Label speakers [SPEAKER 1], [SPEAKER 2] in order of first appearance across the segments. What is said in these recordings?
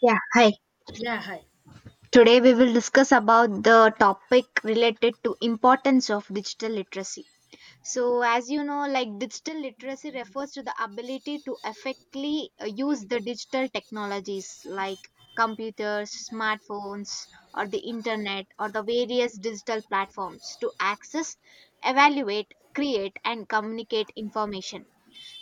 [SPEAKER 1] Yeah, hi.
[SPEAKER 2] Yeah, hi.
[SPEAKER 1] Today we will discuss about the topic related to importance of digital literacy. So as you know, like, digital literacy refers to the ability to effectively use the digital technologies like computers, smartphones or the internet or the various digital platforms to access, evaluate, create and communicate information.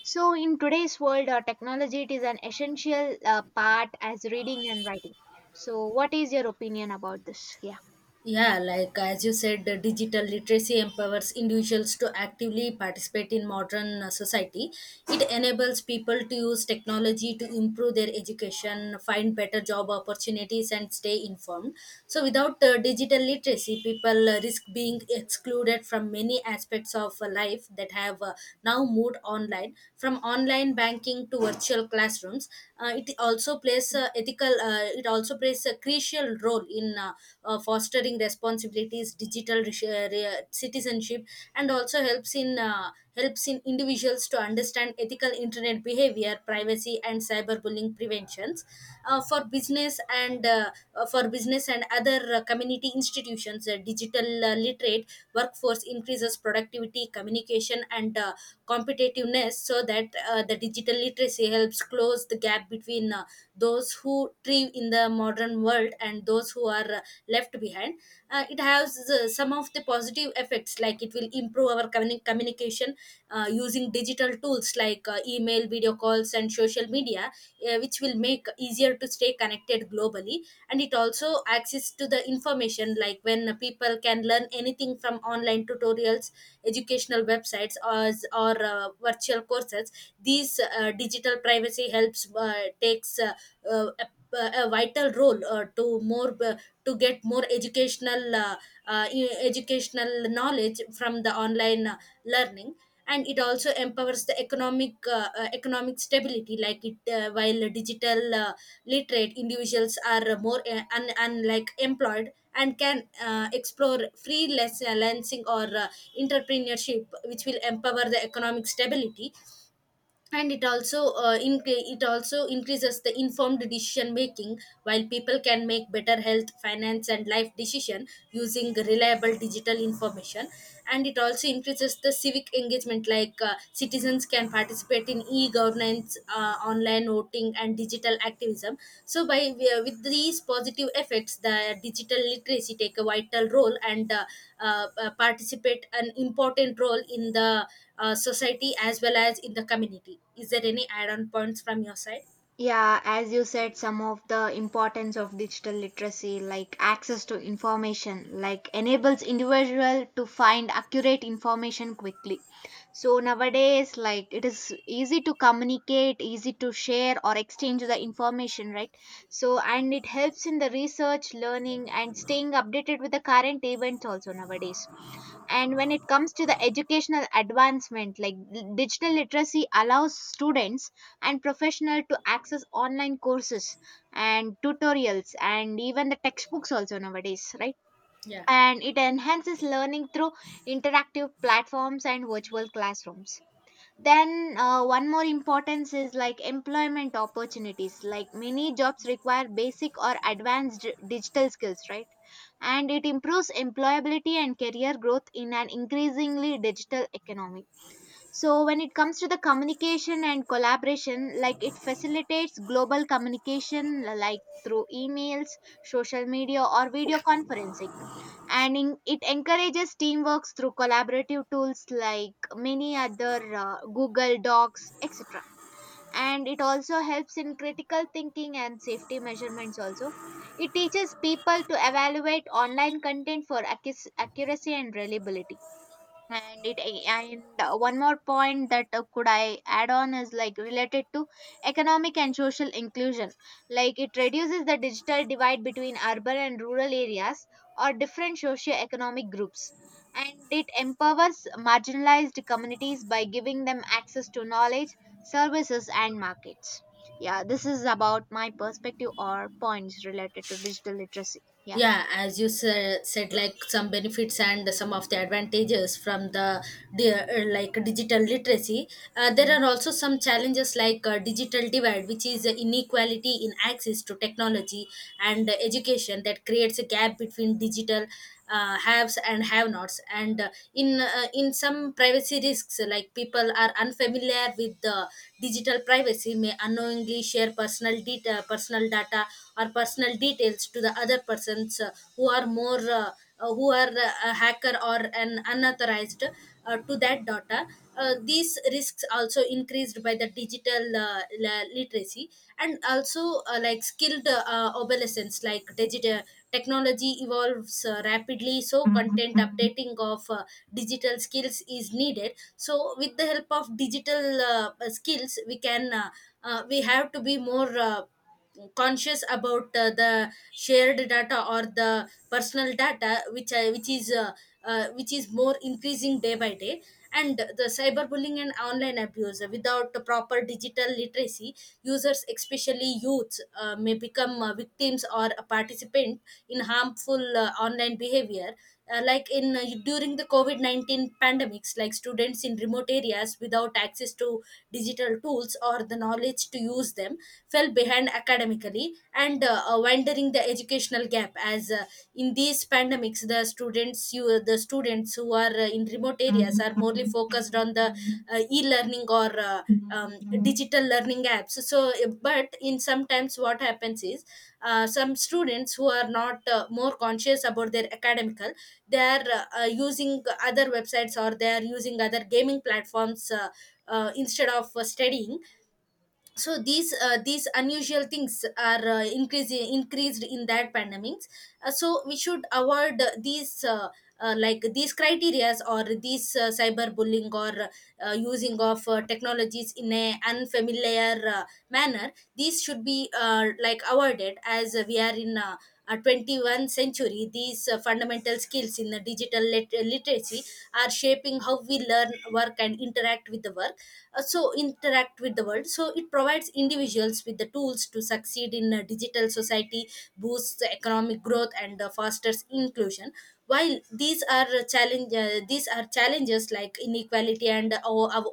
[SPEAKER 1] So in today's world, technology it is an essential part as reading and writing. So, what is your opinion about this? Yeah.
[SPEAKER 2] Yeah, like as you said, the digital literacy empowers individuals to actively participate in modern society. It enables people to use technology to improve their education, find better job opportunities, and stay informed. So, without digital literacy, people risk being excluded from many aspects of life that have now moved online, from online banking to virtual classrooms. It also plays ethical ethical it also plays a crucial role in fostering responsibilities digital citizenship and also helps in individuals to understand ethical internet behavior privacy and cyberbullying preventions uh, for business and uh, for business and other community institutions digital literate workforce increases productivity communication and competitiveness, so that the digital literacy helps close the gap between those who thrive in the modern world and those who are left behind. It has some of the positive effects, like it will improve our communication using digital tools like email, video calls, and social media, which will make easier to stay connected globally. And it also access to the information, like when people can learn anything from online tutorials, educational websites, or virtual courses. These digital privacy helps takes uh, a vital role to get more educational educational knowledge from the online learning. And it also empowers the economic economic stability, like it while digital literate individuals are more unlike employed and can explore freelancing or entrepreneurship, which will empower the economic stability. And it also it also increases the informed decision making, while people can make better health finance and life decision using reliable digital information. And it also increases the civic engagement, like citizens can participate in e-governance, online voting and digital activism. So by with these positive effects, the digital literacy take a vital role and participate an important role in the society as well as in the community. Is there any add-on points from your side?
[SPEAKER 1] Yeah, as you said, some of the importance of digital literacy, like access to information, like enables individual to find accurate information quickly. So nowadays, like, it is easy to communicate, easy to share or exchange the information, right? So and it helps in the research, learning, and staying updated with the current events also nowadays. And when it comes to the educational advancement, like digital literacy allows students and professional to access online courses and tutorials and even the textbooks also nowadays, right?
[SPEAKER 2] Yeah.
[SPEAKER 1] And it enhances learning through interactive platforms and virtual classrooms. Then one more importance is like employment opportunities. Like many jobs require basic or advanced digital skills, right? And it improves employability and career growth in an increasingly digital economy. So when it comes to the communication and collaboration, like, it facilitates global communication like through emails, social media or video conferencing. And it encourages teamwork through collaborative tools like many other Google docs, etc. And it also helps in critical thinking and safety measurements also. It teaches people to evaluate online content for accuracy and reliability. And it and one more point that could I add on is like related to economic and social inclusion, like it reduces the digital divide between urban and rural areas or different socio-economic groups, and it empowers marginalized communities by giving them access to knowledge, services and markets. Yeah, this is about my perspective or points related to digital literacy. Yeah.
[SPEAKER 2] Yeah, as you said like some benefits and some of the advantages from the like digital literacy, there are also some challenges, like digital divide, which is inequality in access to technology and education that creates a gap between digital haves and have nots. And in some privacy risks, like people are unfamiliar with the digital privacy, may unknowingly share personal data, personal data or personal details to the other persons, who are more uh, who are a hacker or an unauthorized to that data. These risks also increased by the digital literacy, and also like skilled obsolescence, like digital technology evolves rapidly, so content updating of digital skills is needed. So with the help of digital skills, we have to be more conscious about the shared data or the personal data, which is more increasing day by day. And the cyberbullying and online abuse, without the proper digital literacy, users especially youths may become victims or a participant in harmful online behavior. Like in During the covid-19 pandemics, like students in remote areas without access to digital tools or the knowledge to use them fell behind academically, and widening the educational gap. As in these pandemics, the students who are in remote areas are morely focused on the e-learning or um,
[SPEAKER 1] Mm.
[SPEAKER 2] digital learning apps. So but in sometimes what happens is, some students who are not more conscious about their academical, they are using other websites, or they are using other gaming platforms instead of studying. So these unusual things are increasing increased in that pandemics. So we should avoid these like these criterias or these cyberbullying or using of technologies in a unfamiliar manner. These should be like avoided, as we are in a 21st century. These fundamental skills in the digital literacy are shaping how we learn work and interact with the world. So interact with the world. So it provides individuals with the tools to succeed in a digital society, boosts the economic growth and fosters inclusion. While these are challenge these are challenges like inequality and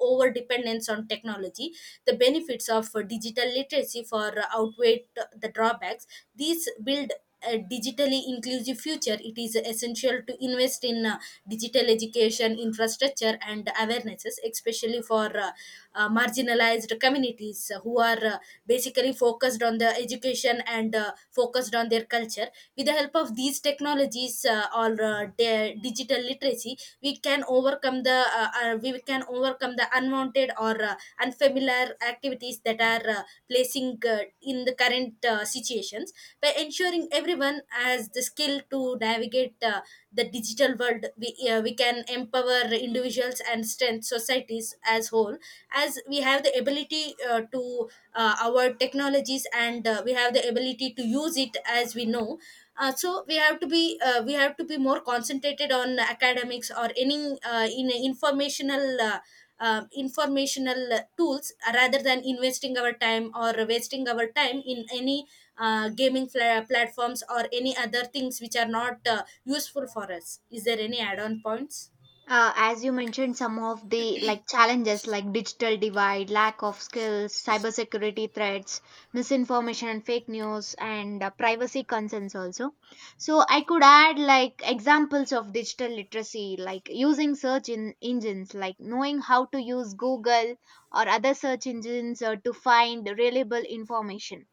[SPEAKER 2] over dependence on technology, the benefits of digital literacy for outweigh the drawbacks. These build a digitally inclusive future. It is essential to invest in digital education, infrastructure, and awarenesses, especially for marginalized communities who are basically focused on the education and focused on their culture. With the help of these technologies or digital literacy, we can overcome the unwanted or unfamiliar activities that are placing in the current situations. By ensuring everyone has the skill to navigate the digital world, we can empower individuals and strengthen societies as whole. As we have the ability to our technologies, and we have the ability to use it as we know. So we have to be more concentrated on academics or any in informational informational tools, rather than investing our time or wasting our time in any gaming platforms or any other things which are not useful for us. Is there any add-on points?
[SPEAKER 1] as you mentioned some of the, like, challenges like digital divide, lack of skills, cybersecurity threats, misinformation and fake news, and privacy concerns also. So I could add like examples of digital literacy, like using search in engines, like knowing how to use Google or other search engines to find reliable information.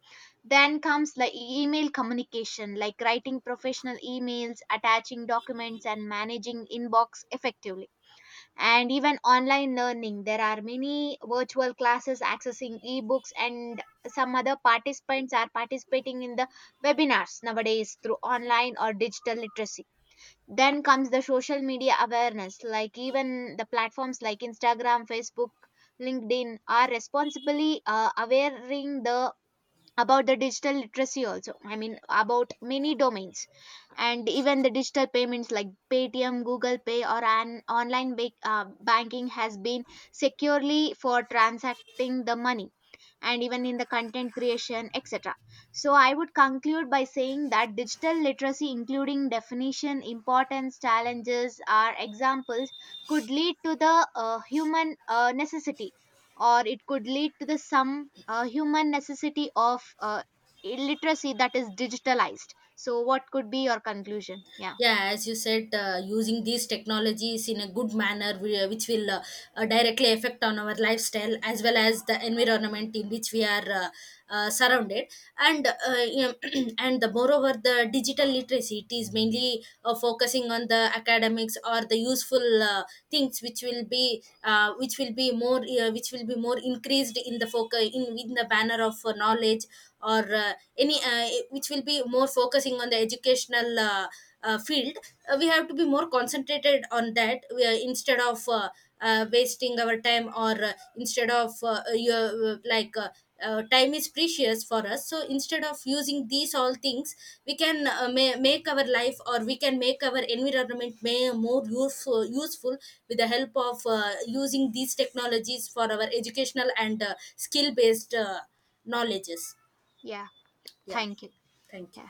[SPEAKER 1] Then comes like email communication, like writing professional emails, attaching documents and managing inbox effectively. And even online learning, there are many virtual classes, accessing ebooks, and some other participants are participating in the webinars nowadays through online or digital literacy. Then comes the social media awareness, like even the platforms like Instagram, Facebook, LinkedIn are responsibly awareing the about the digital literacy also, I mean, about many domains. And even the digital payments like Paytm, Google Pay or an online banking has been securely for transacting the money. And even in the content creation, etc. So, I would conclude by saying that digital literacy, including definition, importance, challenges, or examples, could lead to the human necessity, or it could lead to the some human necessity of illiteracy that is digitalized. So, what could be your conclusion? Yeah,
[SPEAKER 2] Yeah, as you said, using these technologies in a good manner, which will directly affect on our lifestyle as well as the environment in which we are surrounded. And and the moreover the digital literacy, it is mainly focusing on the academics or the useful things, which will be more which will be more increased in the focus in the banner of knowledge or any which will be more focusing on the educational field. We have to be more concentrated on that we are, instead of wasting our time, or instead of your, like time is precious for us. So instead of using these all things, we can make our life, or we can make our environment may more useful with the help of using these technologies for our educational and skill based knowledges.
[SPEAKER 1] yeah,
[SPEAKER 2] Yeah,
[SPEAKER 1] thank you.
[SPEAKER 2] thank you.
[SPEAKER 1] Yeah.